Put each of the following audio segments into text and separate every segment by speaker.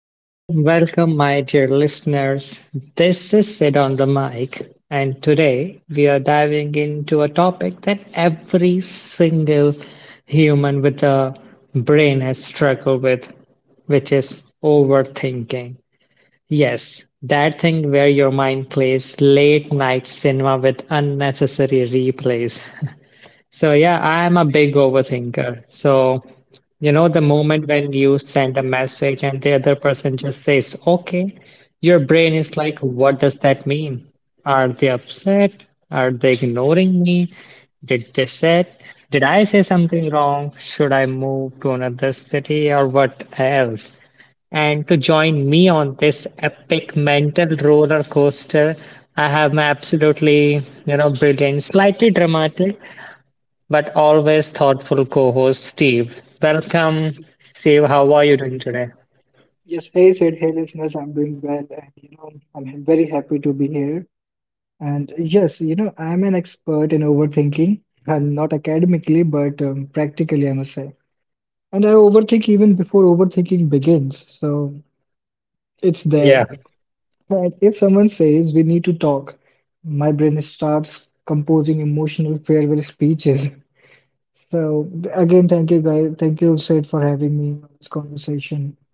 Speaker 1: Welcome, welcome, my dear listeners. This is Sid on the mic, and today we are diving into a topic that every single human with a brain has struggled with, which is overthinking. Yes, that thing where your mind plays late night cinema with unnecessary replays. So yeah, I am a big overthinker. So, the moment when you send a message and the other person just says, okay, your brain is like, what does that mean? Are they upset? Are they ignoring me? Did they said, did I say something wrong? Should I move to another city or what else? And to join me on this epic mental roller coaster, I have my absolutely, brilliant, slightly dramatic, but always thoughtful co-host Steve. Welcome, Steve. How are you doing today?
Speaker 2: Yes, hey Sid. Hey listeners, I'm doing well, and you know, I'm very happy to be here. And yes, you know, I'm an expert in overthinking, and not academically, but practically, I must say. And I overthink even before overthinking begins, so it's
Speaker 1: Yeah,
Speaker 2: there. And if someone says we need to talk, my brain starts composing emotional farewell speeches. So again, thank you guys, thank you, Sid, for having me on this conversation.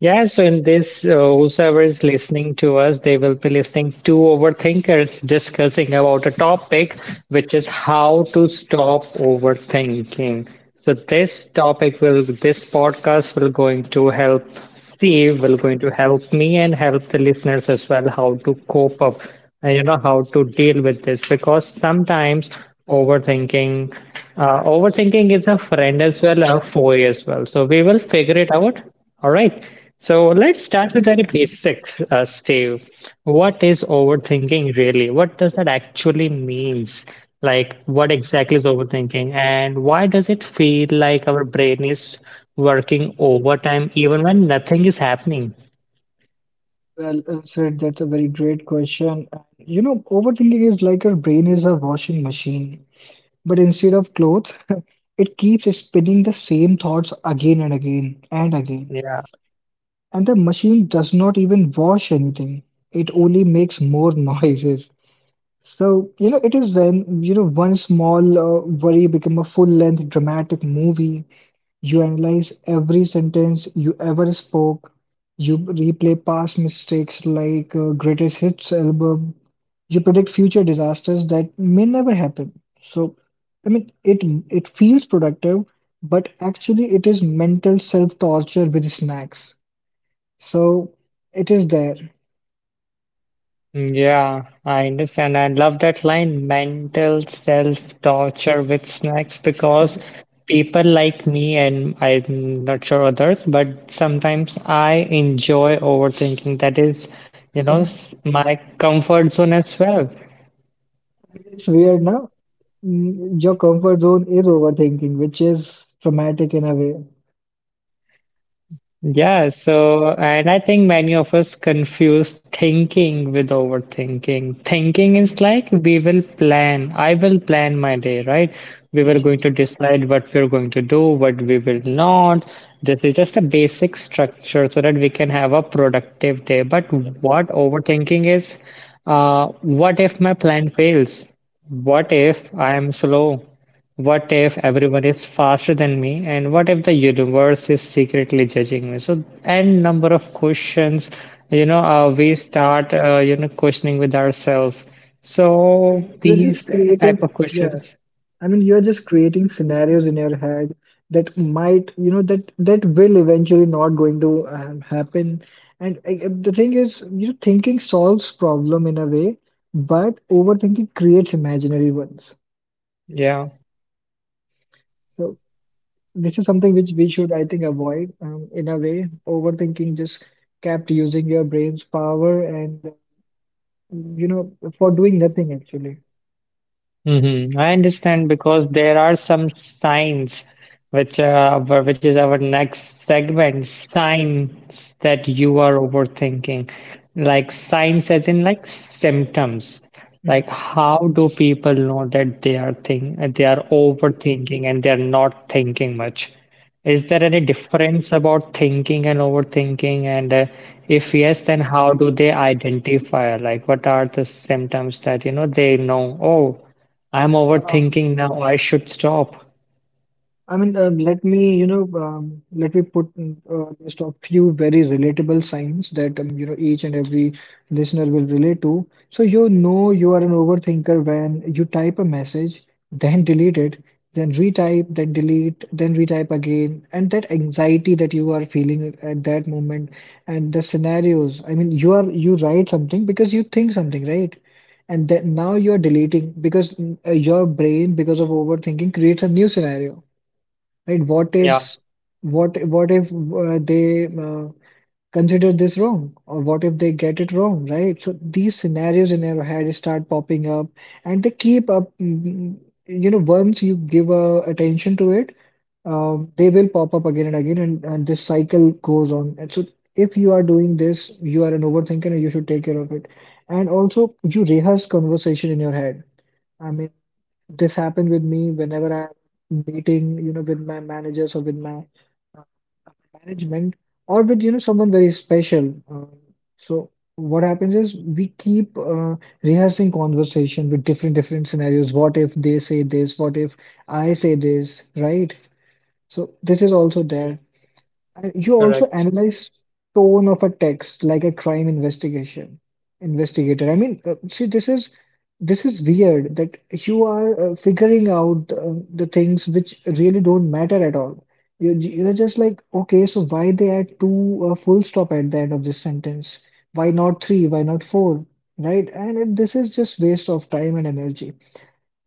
Speaker 1: yeah, so in this, whosoever is listening to us, they will be listening to overthinkers discussing about a topic, which is how to stop overthinking. So this podcast will going to help Steve, will going to help me and help the listeners as well how to cope up and you know how to deal with this because sometimes overthinking, overthinking is a friend as well, a foe as well. So we will figure it out, all right. So let's start with very basics, Steve. What is overthinking really? What does that actually means? Like, what exactly is overthinking, and why does it feel like our brain is working overtime even when nothing is happening?
Speaker 2: Well, Sid, that's a very great question. And, you know, overthinking is like your brain is a washing machine, but instead of clothes, it keeps spinning the same thoughts again and again and again.
Speaker 1: Yeah.
Speaker 2: And the machine does not even wash anything. It only makes more noises. So, you know, it is when, you know, one small worry become a full-length dramatic movie. You analyze every sentence you ever spoke. You replay past mistakes like greatest hits album. You predict future disasters that may never happen. So, I mean, it feels productive, but actually it is mental self-torture with snacks. So it is there.
Speaker 1: Mm, yeah, I understand. I love that line, mental self-torture with snacks, because people like me, and I'm not sure others, but sometimes I enjoy overthinking. That is, my comfort zone as well.
Speaker 2: It's weird now. Your comfort zone is overthinking, which is traumatic in a way.
Speaker 1: Yeah, so, and I think many of us confuse thinking with overthinking. Thinking is like I will plan my day, right? We were going to decide what we're going to do, what we will not. This is just a basic structure so that we can have a productive day. But what overthinking is, what if my plan fails? What if I am slow? What if everyone is faster than me and what if the universe is secretly judging me? So n number of questions, we start questioning with ourselves. So
Speaker 2: You're
Speaker 1: these
Speaker 2: just
Speaker 1: type of
Speaker 2: creating, yeah,
Speaker 1: questions.
Speaker 2: I mean, you're just creating scenarios in your head that might, you know, that will eventually not going to happen. And I, the thing is, you know, thinking solves problem in a way, but overthinking creates imaginary ones.
Speaker 1: Yeah.
Speaker 2: So this is something which we should, I think, avoid in a way. Overthinking just kept using your brain's power and, you know, for doing nothing actually.
Speaker 1: Mm-hmm. I understand because there are some signs which is our next segment, signs that you are overthinking. Like signs as in like symptoms. Like how do people know that they are overthinking and they are not thinking much? Is there any difference about thinking and overthinking? And if yes, then how do they identify? Like what are the symptoms that you know they know? Oh, I'm
Speaker 2: Mhm.
Speaker 1: overthinking now. I should stop.
Speaker 2: I mean, let me, you know, let me put a list of few very relatable signs that, you know, each and every listener will relate to. So, you know, you are an overthinker when you type a message, then delete it, then retype, then delete, then retype again. And that anxiety that you are feeling at that moment and the scenarios. I mean, you are, you write something because you think something, right? And then now you're deleting because your brain, because of overthinking, creates a new scenario. Right? What
Speaker 1: Yeah,
Speaker 2: is what if they consider this wrong, or what if they get it wrong, right? So these scenarios in your head start popping up, and they keep up. You know, once you give attention to it, they will pop up again and again, and, this cycle goes on. And so, if you are doing this, you are an overthinker, and you should take care of it. And also, you rehearse conversation in your head. I mean. This happened with me whenever I am meeting, you know, with my managers or with my uh, management or with, you know, someone very special. So what happens is we keep rehearsing conversation with different scenarios. What if they say this? What if I say this? Right? So this is also there. And you also
Speaker 1: correct.
Speaker 2: analyze tone of a text like a crime investigation investigator. I mean, see, this is weird that you are figuring out the things which really don't matter at all. You're just like, okay, so why they add two full stop at the end of this sentence? Why not three? Why not four? Right? And it, this is just waste of time and energy.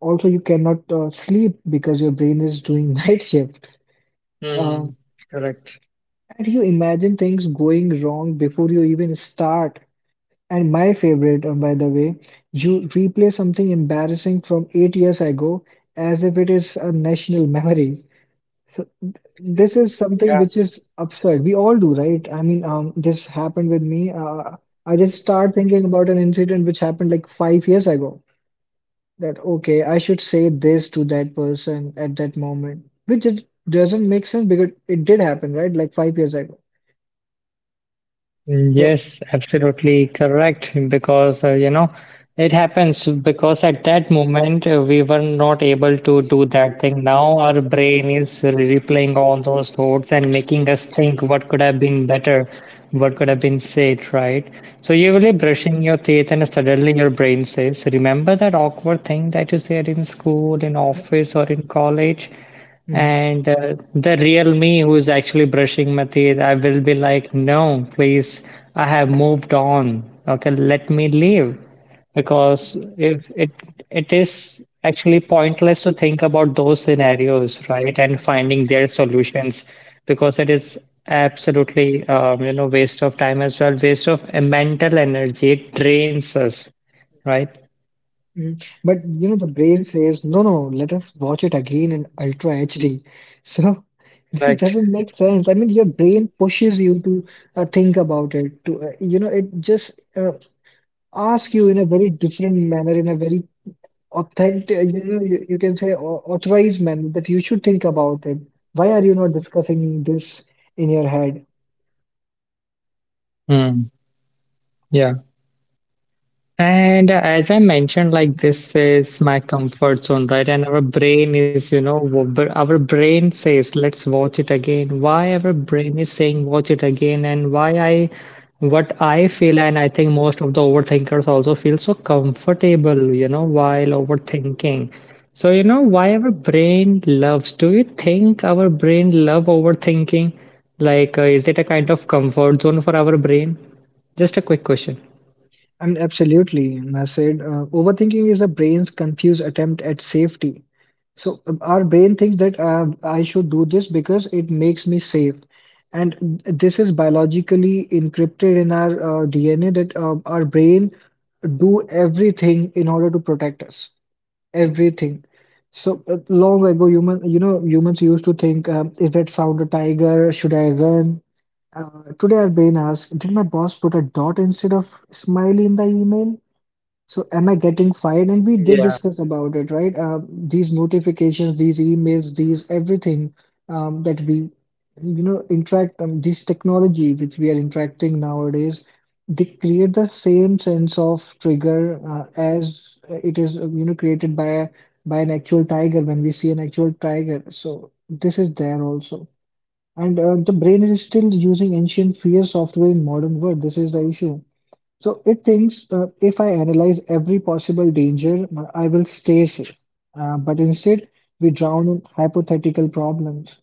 Speaker 2: Also, you cannot sleep because your brain is doing night shift.
Speaker 1: Hmm,
Speaker 2: Um,
Speaker 1: correct.
Speaker 2: and you imagine things going wrong before you even start. And my favorite, by the way, you replay something embarrassing from 8 years ago as if it is a national memory. So this is something
Speaker 1: Yeah.
Speaker 2: which is absurd. We all do, right? I mean, this happened with me. I just start thinking about an incident which happened like 5 years ago. That okay, I should say this to that person at that moment, which is, doesn't make sense because it did happen, right? Like 5 years ago. So.
Speaker 1: Yes, absolutely correct. Because, it happens because at that moment we were not able to do that thing. Now our brain is replaying all those thoughts and making us think what could have been better, what could have been said, right? So you're really brushing your teeth and suddenly your brain says, "Remember that awkward thing that you said in school, in office, or in college?"
Speaker 2: Mhm.
Speaker 1: And the real me who's actually brushing my teeth, I will be like, no, please, I have moved on. Okay, let me leave. Because if it it is actually pointless to think about those scenarios, right, and finding their solutions, because it is absolutely waste of time as well, waste of mental energy. It drains us, right?
Speaker 2: Mhm. But you know, the brain says, no, no, let us watch it again in Ultra HD. So this
Speaker 1: Correct.
Speaker 2: doesn't make sense. I mean, your brain pushes you to think about it, to, you know, it just asks you in a very different manner, in a very authentic, you know, you can say authorized manner that you should think about it. Why are you not discussing this in your head?
Speaker 1: Hmm. Yeah. And as I mentioned, like this is my comfort zone, right? And our brain is, our brain says, let's watch it again. Why our brain is saying, watch it again, and what I feel, and I think most of the overthinkers also feel so comfortable, while overthinking. So, why our brain loves, do you think our brain love overthinking? Like, is it a kind of comfort zone for our brain? Just a quick question.
Speaker 2: And absolutely, I said, overthinking is the brain's confused attempt at safety. So our brain thinks that I should do this because it makes me safe. And this is biologically encrypted in our DNA that our brain do everything in order to protect us. Everything. So long ago, you know, humans used to think, is that sound a tiger? Should I run? Today, our brain asks, did my boss put a dot instead of smiley in the email? So am I getting fired? And we did discuss about it, right? These notifications, these emails, these everything that we, you know, interact this technology which we are interacting nowadays, they create the same sense of trigger as it is, you know, created by by an actual tiger when we see an actual tiger. So this is there also. And the brain is still using ancient fear software in modern world. This is the issue. So it thinks if I analyze every possible danger, I will stay safe. But instead, we drown in hypothetical problems.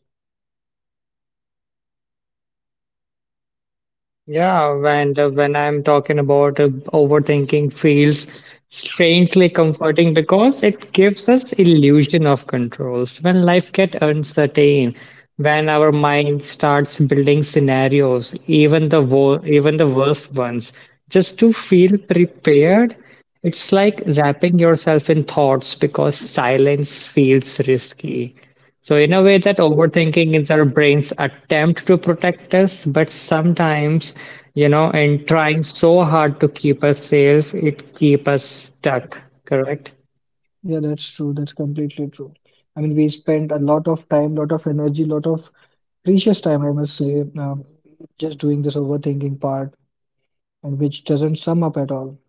Speaker 1: Yeah, and when I'm talking about overthinking feels strangely comforting because it gives us illusion of controls. When life gets uncertain, when our mind starts building scenarios, even the worst ones, just to feel prepared, it's like wrapping yourself in thoughts because silence feels risky. So, in a way, that overthinking is our brain's attempt to protect us, but sometimes, in trying so hard to keep us safe, it keeps us stuck, correct?
Speaker 2: Yeah, that's true. That's completely true. I mean, we spent a lot of time, lot of energy, lot of precious time, I must say, just doing this overthinking part, and which doesn't sum up at all.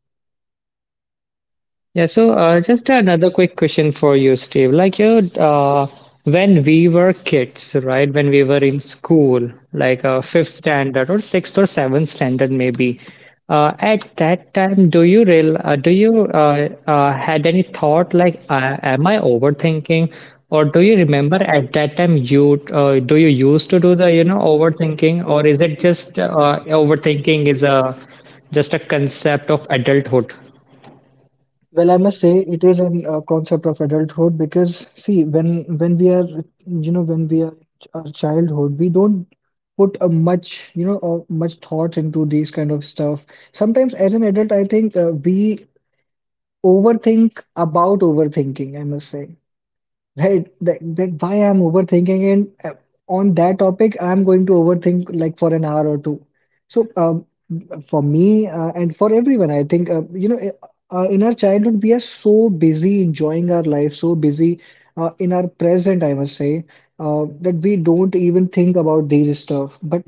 Speaker 1: Yeah, so just another quick question for you, Steve. When we were kids, right? When we were in school, like fifth standard or sixth or seventh standard, maybe. At that time, do you real? Do you had any thought like, am I overthinking? Or do you remember at that time you do you used to do the overthinking, or is it just overthinking is a just a concept of adulthood?
Speaker 2: Well, I must say it is a concept of adulthood because see, when we are, you know, when we are our childhood, we don't put a much, you know, much thoughts into these kind of stuff. Sometimes, as an adult, I think we overthink about overthinking. I must say right, that why I'm overthinking and on that topic, I'm going to overthink like for an hour or two. So, for me and for everyone, I think, you know, in our childhood, we are so busy enjoying our life, so busy in our present, I must say, that we don't even think about these stuff. But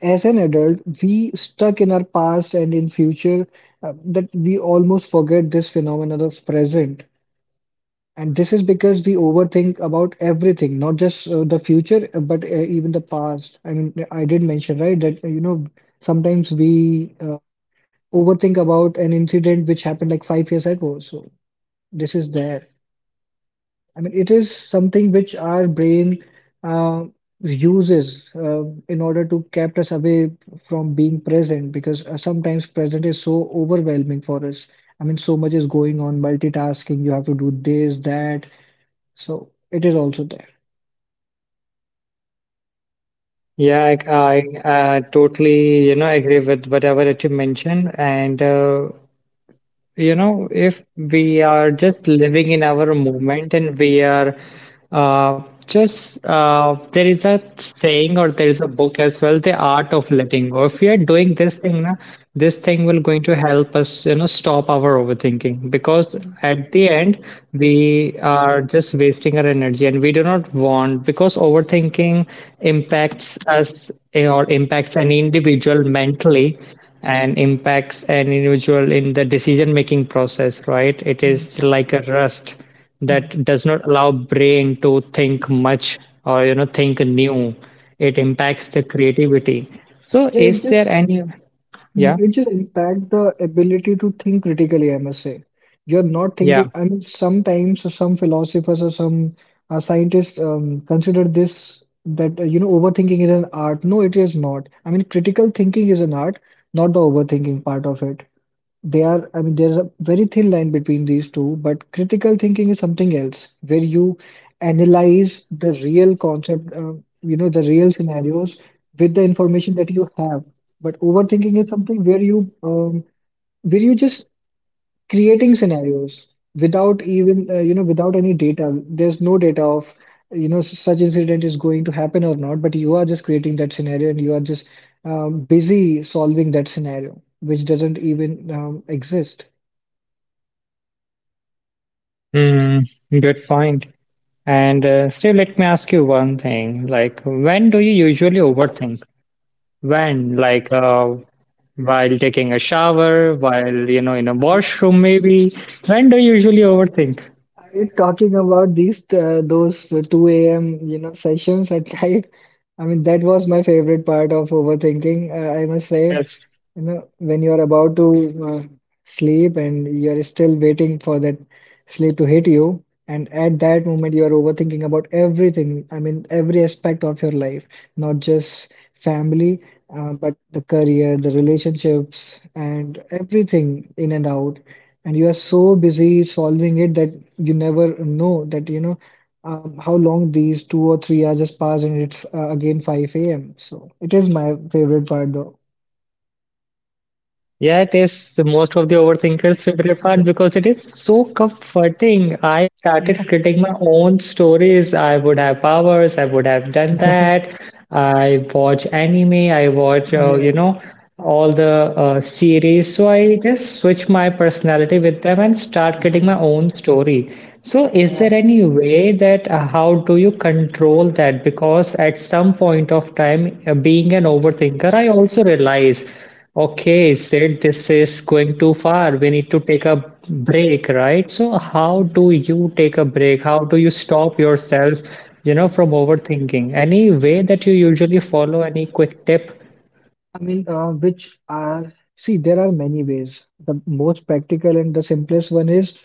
Speaker 2: as an adult, we stuck in our past and in future that we almost forget this phenomenon of present. And this is because we overthink about everything, not just the future, but even the past. I mean, I did mention, right, that, you know, sometimes we overthink about an incident which happened like 5 years ago. So this is there. I mean, it is something which our brain uh, uses in order to kept us away from being present because sometimes present is so overwhelming for us. I mean, so much is going on, multitasking, you have to do this, that so it is also there.
Speaker 1: Yeah, I totally, agree with whatever that you mentioned. And if we are just living in our moment and uh, there is a saying or there is a book as well, The Art of Letting Go. If we are doing this thing, na, this thing will going to help us, stop our overthinking because at the
Speaker 2: Mm.
Speaker 1: end we are just wasting our energy and we do not want because overthinking impacts us or impacts an individual mentally and impacts an individual in the decision-making process, right? It
Speaker 2: Mm.
Speaker 1: is like a rust
Speaker 2: Mm.
Speaker 1: that does not allow brain to think much or think new. It impacts the creativity. So
Speaker 2: Yeah, it
Speaker 1: is there
Speaker 2: just
Speaker 1: any, yeah,
Speaker 2: Mhm. It just impact the ability to think critically, I must say. You're not
Speaker 1: yeah.
Speaker 2: thinking, I mean, sometimes some philosophers or some scientists consider this that, you know, overthinking is an art. No, it is not. I mean, critical thinking is an art, not the overthinking part of it. They are, I mean, there's a very thin line between these two, but critical thinking is something else where you analyze the real concept, you know, the real scenarios with the information that you have. But overthinking is something where you just creating scenarios without even you know without any data. There's no data of you know such incident is going to happen or not, but you are just creating that scenario and you are just busy solving that scenario, which doesn't even exist.
Speaker 1: Mm, good point. And Steve, let me ask you one thing. Like, when do you usually overthink? When, like, while taking a shower, while, in a washroom maybe? When do you usually overthink?
Speaker 2: Are you talking about these those 2 a.m. you know sessions at night? I mean, that was my favorite part of overthinking. I must say,
Speaker 1: Yes.
Speaker 2: you know, when you are about to uh, sleep and you are still waiting for that sleep to hit you, and at that moment you are overthinking about everything. I mean, every aspect of your life, not just family, but the career, the relationships, and everything in and out and you are so busy solving it that you never know that you know how long these 2 or 3 hours just pass and it's again 5 a.m. So it is my favorite part though.
Speaker 1: Yeah, it is the most of the overthinkers' favorite part because it is so comforting. I started creating my own stories. I would have powers. I would have done that. I watch anime. I watch,
Speaker 2: Yeah, yeah.
Speaker 1: all the series. So I just switch my personality with them and start creating my own story. So is
Speaker 2: Yeah.
Speaker 1: there any way that how do you control that? Because at some point of time, being an overthinker, I also realize. Okay, said this is going too far. We need to take a break, right? So how do you take a break? How do you stop yourself, from overthinking? Any way that you usually follow, any quick tip?
Speaker 2: See, there are many ways. The most practical and the simplest one is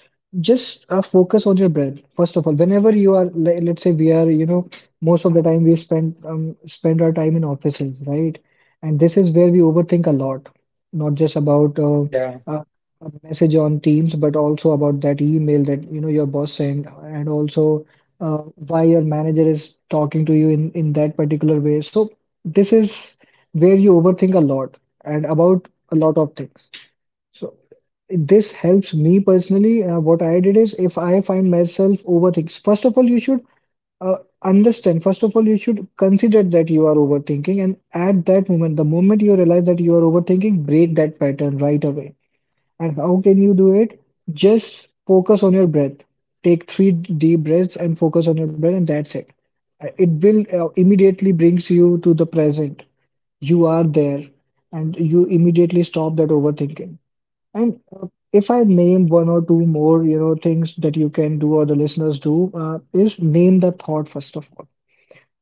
Speaker 2: just focus on your breath. First of all, whenever you are, let's say we are, most of the time we spend our time in offices, right? And this is where we overthink a lot, not just about
Speaker 1: Yeah.
Speaker 2: a, a message on Teams, but also about that email that, you know, your boss sent, and also uh, why your manager is talking to you in that particular way. So this is where you overthink a lot and about a lot of things. So this helps me personally. What I did is if I find myself overthinking, first of all, you should understand, first of all, you should consider that you are overthinking. And at that moment, the moment you realize that you are overthinking, break that pattern right away. And how can you do it? Just focus on your breath. Take three deep breaths and focus on your breath, and that's it. It will immediately brings you to the present. You are there, and you immediately stop that overthinking. And if I name one or two more, you know, things that you can do or the listeners do, is name the thought first of all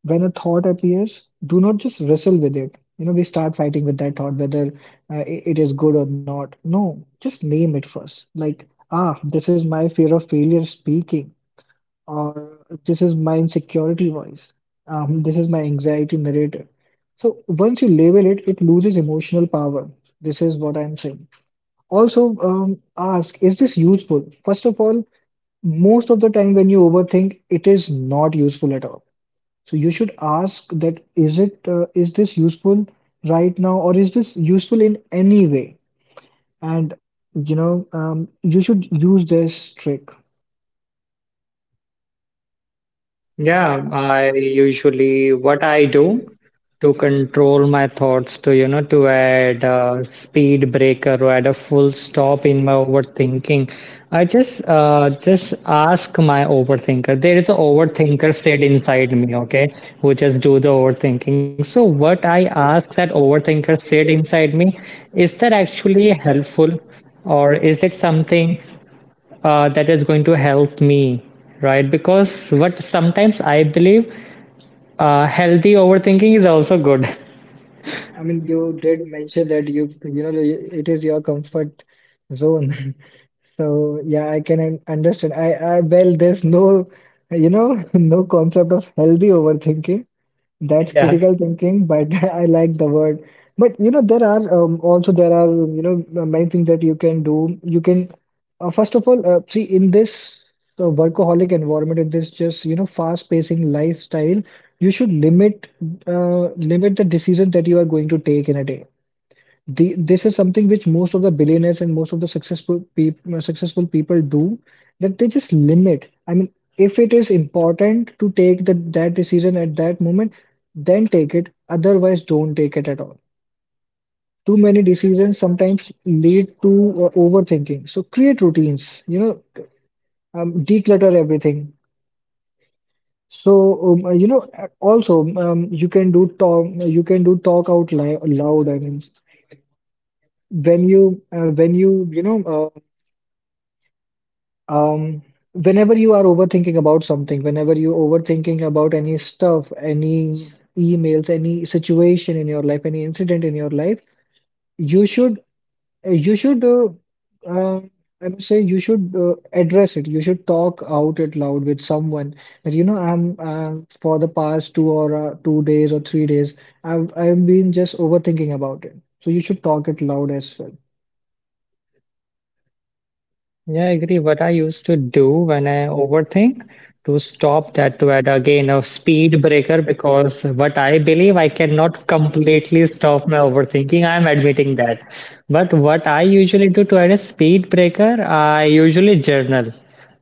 Speaker 2: when a thought appears, do not just wrestle with it. You know, we start fighting with that thought whether it is good or not. No, just name it first. Like, ah, this is my fear of failure speaking, or this is my insecurity voice, this is my anxiety narrator. So once you label it, it loses emotional power. This is what I'm saying. Also, ask, is this useful? First of all, most of the time when you overthink, it is not useful at all, so you should ask that is it is this useful right now, or is this useful in any way? And you should use this trick.
Speaker 1: Yeah, I usually what I do to control my thoughts to to add a speed breaker or add a full stop in my overthinking. I just ask my overthinker. There is an overthinker said inside me, okay, who just do the overthinking. So what I ask that overthinker said inside me, is that actually helpful? Or is it something that is going to help me, right? Because what sometimes I believe healthy overthinking is also good.
Speaker 2: I mean, you did mention that it is your comfort zone. So yeah, I can understand. I well, there's no you know no concept of healthy overthinking. That's
Speaker 1: Yeah.
Speaker 2: critical thinking, but I like the word. But you know, there are also there are many things that you can do. You can first of all see in this workaholic environment, in this just you know fast-pacing lifestyle, you should limit limit the decisions that you are going to take in a day. This is something which most of the billionaires and most of the successful people do that they just limit. I mean, if it is important to take that decision at that moment, then take it. Otherwise, don't take it at all. Too many decisions sometimes lead to overthinking. So create routines, you know, declutter everything. So you know, also you can do talk, you can do talk out li loud. I mean, when you when Um, whenever you are overthinking about something, whenever you overthinking about any stuff, any emails, any situation in your life, any incident in your life, you should you should uh, um I would say you should address it. You should talk out it loud with someone that you know I'm for the past two or 2 days or 3 days I've been just overthinking about it. So you should talk it loud as well.
Speaker 1: Yeah, I agree. What I used to do when I overthink to stop that, to add again a speed breaker, because what I believe I cannot completely stop my overthinking. I'm admitting that. But what I usually do to add a speed breaker, I usually journal.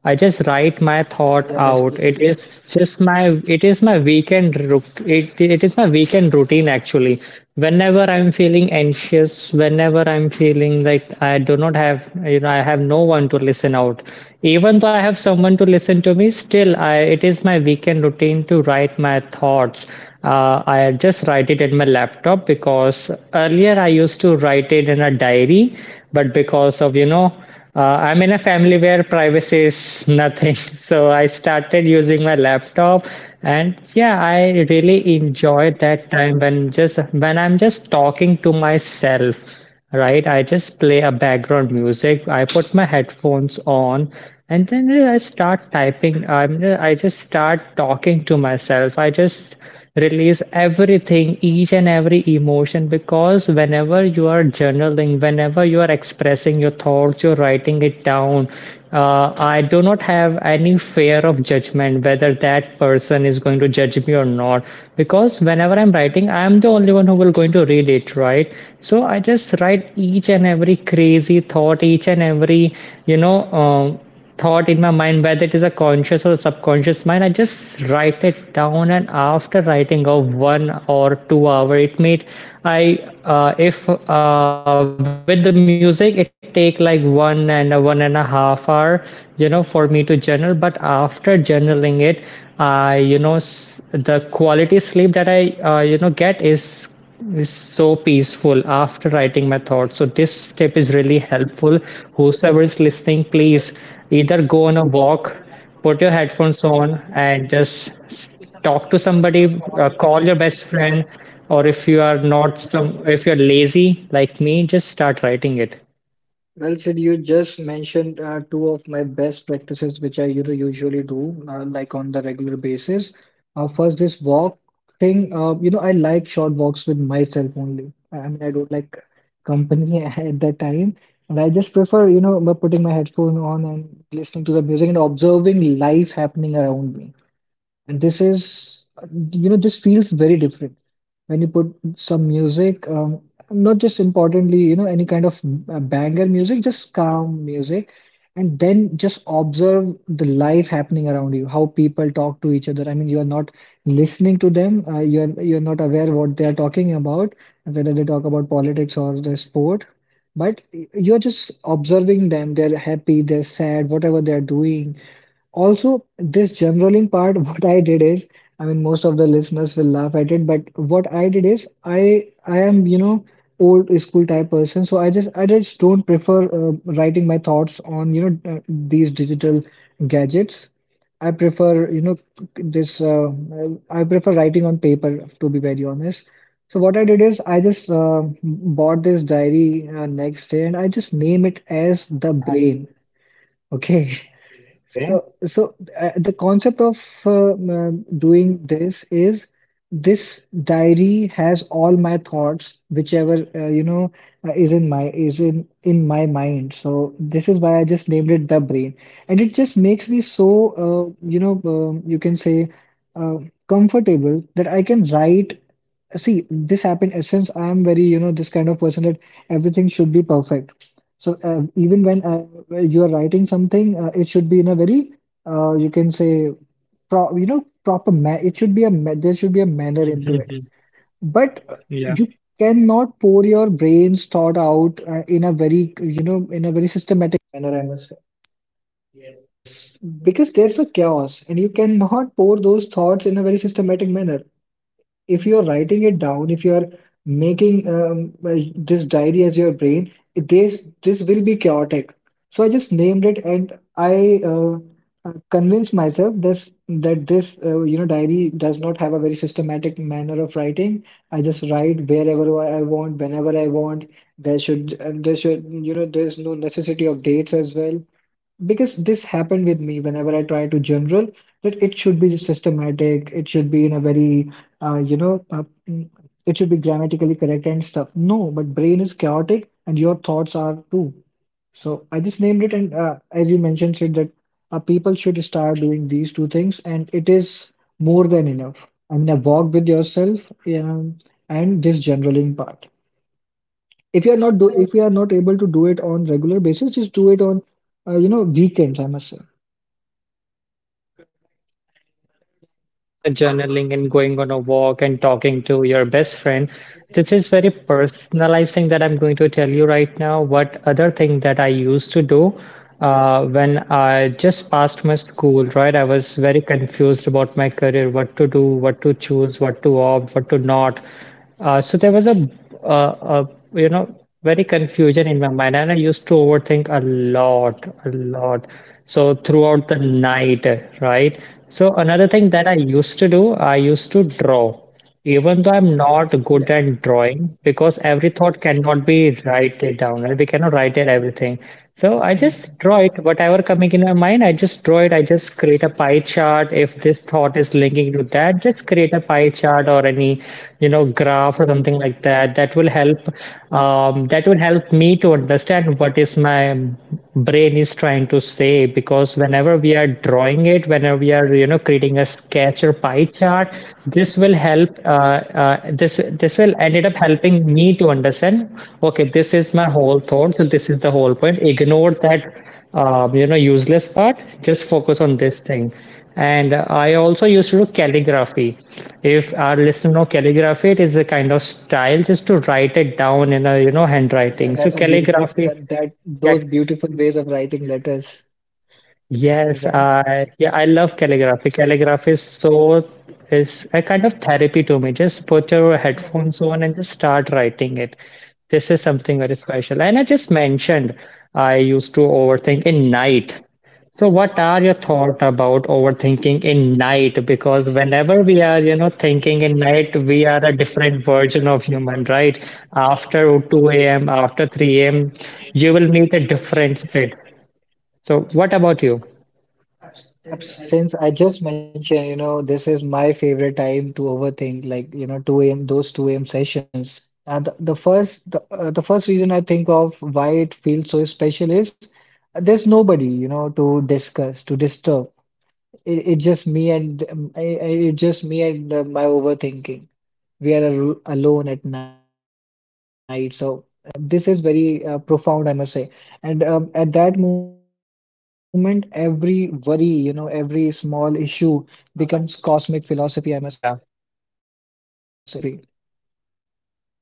Speaker 1: I just write my thought
Speaker 2: Yeah, that's a good
Speaker 1: out.
Speaker 2: thing.
Speaker 1: It is just my it is my weekend routine actually. Whenever I'm feeling anxious, whenever I'm feeling like I do not have I have no one to listen out. Even though I have someone to listen to me, still I it is my weekend routine to write my thoughts. I just write it in my laptop because earlier I used to write it in a diary, but because of. I'm in a family where privacy is nothing. So I started using my laptop and yeah, I really enjoy that time when I'm just talking to myself, right? I just play a background music. I put my headphones on and then I start typing. I just start talking to myself. I just release everything, each and every emotion, because whenever you are journaling, whenever you are expressing your thoughts, you're writing it down. I do not have any fear of judgment, whether that person is going to judge me or not, because whenever I'm writing, I'm the only one who will going to read it, right? So I just write each and every crazy thought, each and every you know um thought in my mind, whether it is a conscious or a subconscious mind. I just write it down, and after writing of 1 or 2 hour it made I if with the music it take like 1.5 hour, you know, for me to journal. But after journaling it, I you know, the quality sleep that I you know, get is so peaceful after writing my thoughts. So this tip is really helpful. Whosoever is listening, please, either go on a walk, put your headphones on, and just talk to somebody. Call your best friend, or if you are not some, if you're lazy like me, just start writing it.
Speaker 2: Well, said, you just mentioned two of my best practices, which I you know usually do like on the regular basis. First, this walk thing. You know, I like short walks with myself only. I mean, I don't like company at that time, and I just prefer you know putting my headphone on and listening to the music and observing life happening around me. And this is, you know, this feels very different when you put some music, not just importantly, you know, any kind of banger music, just calm music, and then just observe the life happening around you, how people talk to each other. I mean, you are not listening to them, you're not aware what they are talking about, whether they talk about politics or the sport, but you're just observing them. They're happy, they're sad, whatever they're doing. Also, this generaling part, what I did is, I mean, most of the listeners will laugh at it, but what I did is, I am, you know, old school type person, so I just don't prefer writing my thoughts on, you know, these digital gadgets. I prefer, you know, this. I prefer writing on paper, to be very honest. So what I did is, I just bought this diary next day, and I just name it as the brain. Okay.
Speaker 1: Okay.
Speaker 2: So the concept of doing this is this diary has all my thoughts, whichever is in my is in my mind. So this is why I just named it the brain, and it just makes me so you can say uh, comfortable that I can write. See, this happened. Since I am very you know this kind of person that everything should be perfect. So even when you are writing something, it should be in a very you can say pro you know proper ma it should be a ma there should be a manner into it. But
Speaker 1: Yeah.
Speaker 2: you cannot pour your brain's thought out in a very you know in a very systematic manner, I must say,
Speaker 1: Yes.
Speaker 2: because there's a chaos, and you cannot pour those thoughts in a very systematic manner if you're writing it down, if you're making this diary as your brain, this will be chaotic. So I just named it, and I convinced myself this that this you know diary does not have a very systematic manner of writing. I just write wherever I want, whenever I want. There should you know there's no necessity of dates as well, because this happened with me whenever I try to general that it should be systematic, it should be in a very uh, you know uh, mm, it should be grammatically correct and stuff. No, but brain is chaotic and your thoughts are too. So I just named it, and as you mentioned said that people should start doing these two things and it is more than enough. I mean, a walk with yourself and this generaling part. If you are not able to do it on regular basis, just do it on you know weekends. I must say.
Speaker 1: Correct. And other than, you know, journaling and going on a walk and talking to your best friend, this is very personalized thing that I'm going to tell you right now. What other thing that I used to do when I just passed my school, right? I was very confused about my career, what to do, what to choose, what to opt, what to not. So there was a, you know, very confusion in my mind, and I used to overthink a lot, a lot. So throughout the night, right? So another thing that I used to do, I used to draw, even though I'm not good
Speaker 2: Yeah.
Speaker 1: at drawing, because every thought cannot be written down, right? We cannot write it everything. So I just
Speaker 2: Mhm.
Speaker 1: draw it, whatever coming in my mind, I just draw it. I just create a pie chart. If this thought is linking to that, just create a pie chart or any, you know, graph or something like that. That will help. That will help me to understand what is my brain is trying to say. Because whenever we are drawing it, whenever we are, you know, creating a sketch or pie chart, this will help this will ended up helping me to understand, okay, this is my whole thought, so this is the whole point. Ignore that you know, useless part, just focus on this thing. And I also used to do calligraphy. If our listener know calligraphy, it is a kind of style just to write it down in a, you know, handwriting. So
Speaker 2: Yeah, that's a
Speaker 1: calligraphy,
Speaker 2: beautiful that, that
Speaker 1: yeah.
Speaker 2: those beautiful ways of writing letters,
Speaker 1: Yes, I,
Speaker 2: right?
Speaker 1: yeah, I love calligraphy. Calligraphy is so is a kind of therapy to me. Just put your headphones on and just start writing it. This is something very special. And I just mentioned I used to overthink in night. So what are your thought about overthinking in night? Because whenever we are, you know, thinking in night, we are a different version of human, right? After 2 a.m., after 3 a.m., you will meet a different Sid. So what about you?
Speaker 2: Since I just mentioned, you know, this is my favorite time to overthink, like, you know, 2 a.m., those 2 a.m. sessions. And the first reason I think of why it feels so special is there's nobody, you know, to discuss, to disturb. It's just me and it's just me and my overthinking. We are al alone at night, so this is very profound, I must say. And at that moment, every worry, you know, every small issue becomes cosmic philosophy, I must say. So I must
Speaker 1: Yeah,
Speaker 2: say, you know, it's just a cosmic philosophy.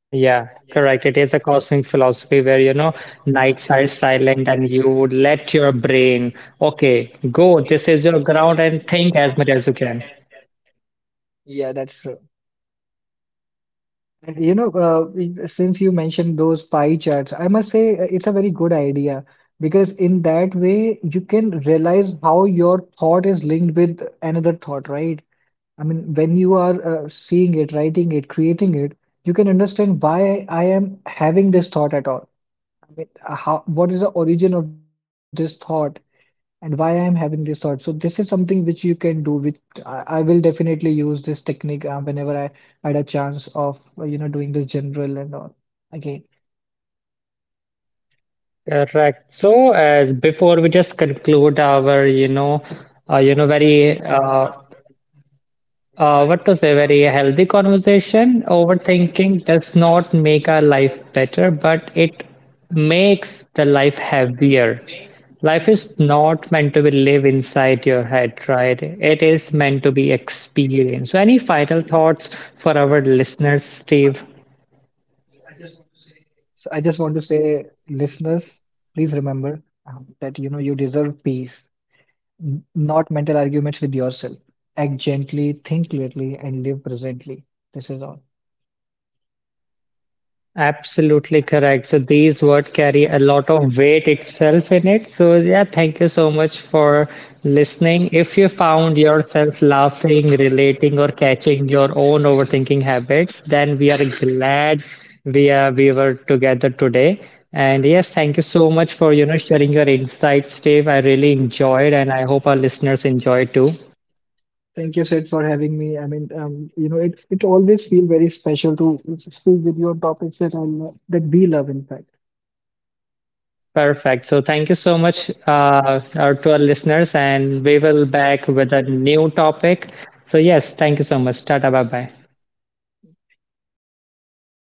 Speaker 1: yeah, correct. It is a cosmic philosophy where, you know, nights are silent and you would let your brain, okay, go, this is your ground and think as much as you can.
Speaker 2: Yeah, that's true. And you know, since you mentioned those pie charts, I must say it's a very good idea because in that way you can realize how your thought is linked with another thought, right? I mean, when you are seeing it, writing it, creating it, you can understand why I am having this thought at all. I mean, what is the origin of this thought? And why I'm having this thought? So this is something which you can do with I will definitely use this technique whenever I had a chance of you know doing this general and all again.
Speaker 1: Correct. So, as before we just conclude our, you know, very what to say? Very healthy conversation. Overthinking does not make our life better, but it makes the life heavier. Life is not meant to be lived inside your head, right? It is meant to be experienced. So, any final thoughts for our listeners, Steve?
Speaker 2: So I just want to say listeners, please remember that you know you deserve peace, not mental arguments with yourself. Act gently, think clearly, and live presently. This is all.
Speaker 1: Absolutely correct. So these words carry a lot of weight itself in it. So yeah, thank you so much for listening. If you found yourself laughing, relating, or catching your own overthinking habits, then we are glad we were together today. And yes, thank you so much for, you know, sharing your insights, Dave. I really enjoyed, and I hope our listeners enjoy too.
Speaker 2: Thank you, Sid, for having me. I mean, you know, it always feel very special to speak with you on topics that I love, that we love, in fact.
Speaker 1: Perfect. So thank you so much to our listeners, and we will back with a new topic. So yes, thank you so much. Tata, bye bye.